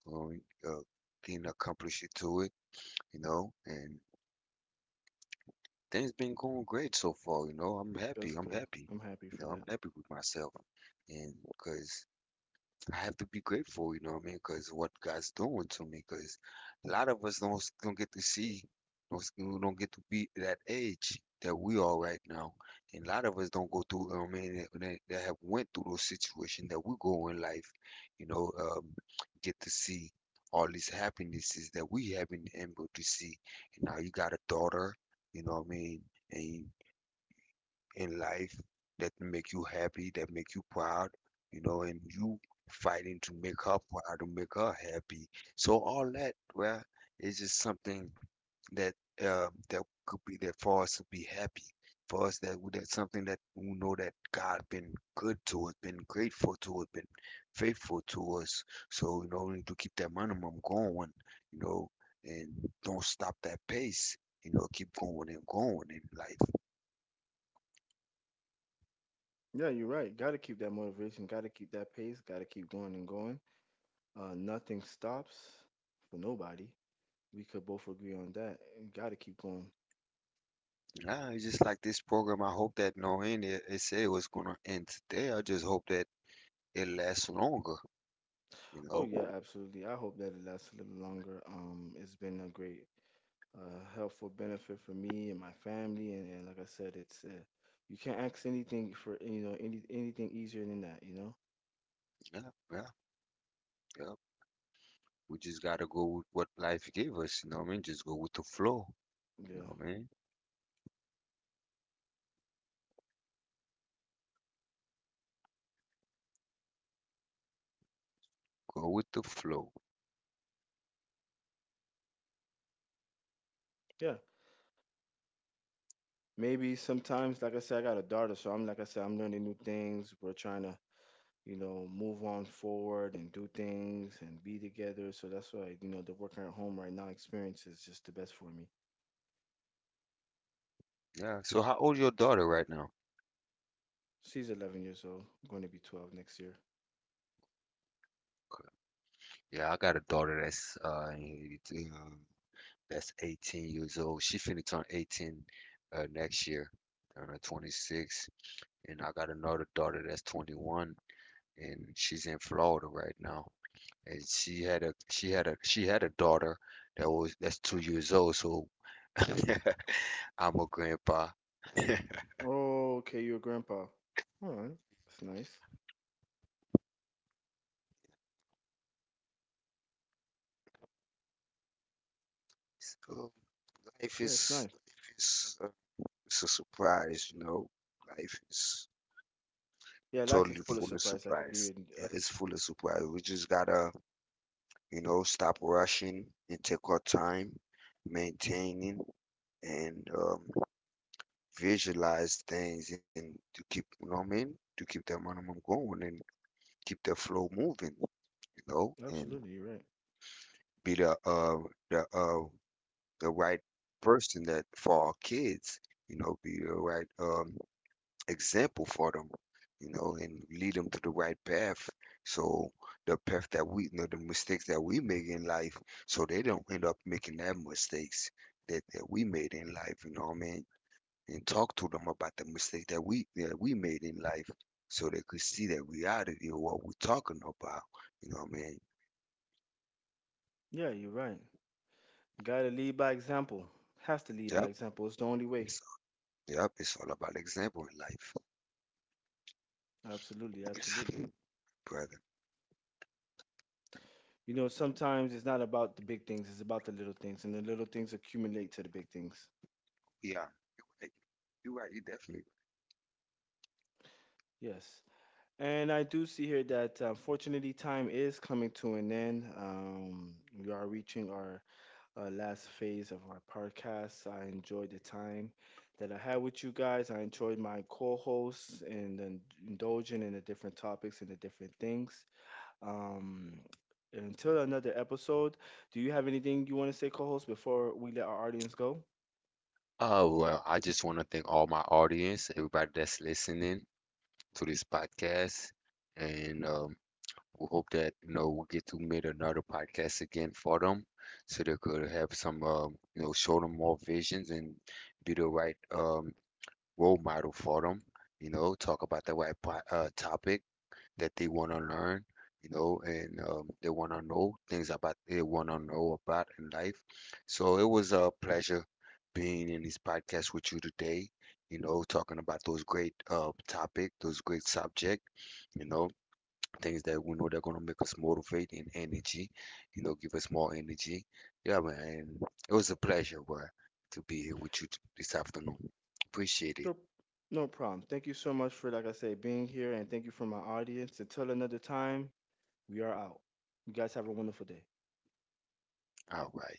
B: going, uh, getting accomplished to it, you know, and things been going great so far, you know.
A: That's
B: I'm
A: good.
B: happy,
A: I'm happy
B: you
A: for
B: know, I'm
A: that.
B: happy with myself. And because I have to be grateful, you know what I mean? Because what God's doing to me, because a lot of us don't get to see, don't, don't get to be that age that we are right now, and a lot of us don't go through. You know what I mean, that that have went through those situations that we go in life, you know, get to see all these happinesses that we haven't been able to see. And now you got a daughter, you know what I mean? And in life that make you happy, that make you proud, you know, and you fighting to make her proud, to make her happy. So all that, well, is just something that that could be there for us to be happy. For us, that that's something that we know that God been good to us, been grateful to us, been faithful to us. So you know, we need to keep that minimum going, you know, and don't stop that pace. You know, keep going and going in life.
A: Yeah, you're right. Got to keep that motivation. Got to keep that pace. Got to keep going and going. Nothing stops for nobody. We could both agree on that. Got to keep going.
B: Nah, it's just like this program. I hope that no end. It said it was gonna end today. I just hope that it lasts longer. You
A: Oh
B: know.
A: yeah, absolutely. I hope that it lasts a little longer. It's been a great, helpful benefit for me and my family. And like I said, it's you can't ask anything for you know any anything easier than that. You know.
B: Yeah, yeah, yeah. We just gotta go with what life gave us. You know what I mean? Just go with the flow. You know
A: Yeah.
B: what I mean? Go with the flow.
A: Yeah. Maybe sometimes, like I said, I got a daughter, so I'm like I said, I'm learning new things. We're trying to, you know, move on forward and do things and be together. So that's why, you know, the working at home right now experience is just the best for me.
B: Yeah. So how old your daughter right now?
A: She's 11 years old, going to be 12 next year.
B: Okay. Yeah, I got a daughter that's that's 18 years old. She finna turn 18 next year, on her 26, and I got another daughter that's 21, and she's in Florida right now. And she had a daughter that was that's 2 years old. So I'm a grandpa.
A: Oh, okay, you're a grandpa. All right, that's nice.
B: So life
A: Yeah, it's
B: is
A: nice.
B: life is it's a surprise, you know. Life is
A: Yeah, life is
B: totally
A: full of
B: full of
A: surprise. I could
B: surprise.
A: agree.
B: Yeah,
A: I could
B: it's full of surprise. We just gotta, you know, stop rushing and take our time, maintaining and visualize things and to keep, you know what I mean, to keep that momentum going and keep the flow moving, you know, and
A: absolutely. You're right.
B: be the uh the right person that for our kids, you know, be the right example for them, you know, and lead them to the right path. So the path that we, you know, the mistakes that we make in life, so they don't end up making that mistakes that, that we made in life, you know what I mean? And talk to them about the mistake that we made in life so they could see that we out of here what we're talking about. You know what I mean?
A: Yeah, you're right. Gotta lead by example. Has to lead by
B: Yep.
A: example. It's the only way.
B: It's, yep. It's all about example in life,
A: Absolutely, absolutely.
B: brother.
A: You know, sometimes it's not about the big things. It's about the little things, and the little things accumulate to the big things.
B: Yeah. You're right. You're right. You definitely.
A: Yes, and I do see here that fortunately time is coming to an end. We are reaching our last phase of our podcast. I enjoyed the time that I had with you guys. I enjoyed my co-hosts and then indulging in the different topics and the different things. Um, until another episode, do you have anything you want to say, co-host, before we let our audience go?
B: Oh well, I just want to thank all my audience, everybody that's listening to this podcast, and we hope that you know we get to make another podcast again for them, so they could have some you know show them more visions and be the right role model for them. You know, talk about the right topics that they want to learn, you know, and they want to know things about they want to know about in life. So it was a pleasure being in this podcast with you today, you know, talking about those great topic, those great subject, you know, things that we know they're going to make us motivate and energy, you know, give us more energy. Yeah, man. And It was a pleasure, boy, to be here with you this afternoon. Appreciate it.
A: Nope. No problem. Thank you so much for, like I said, being here, and thank you for my audience. Until another time. We are out. You guys have a wonderful day.
B: All right.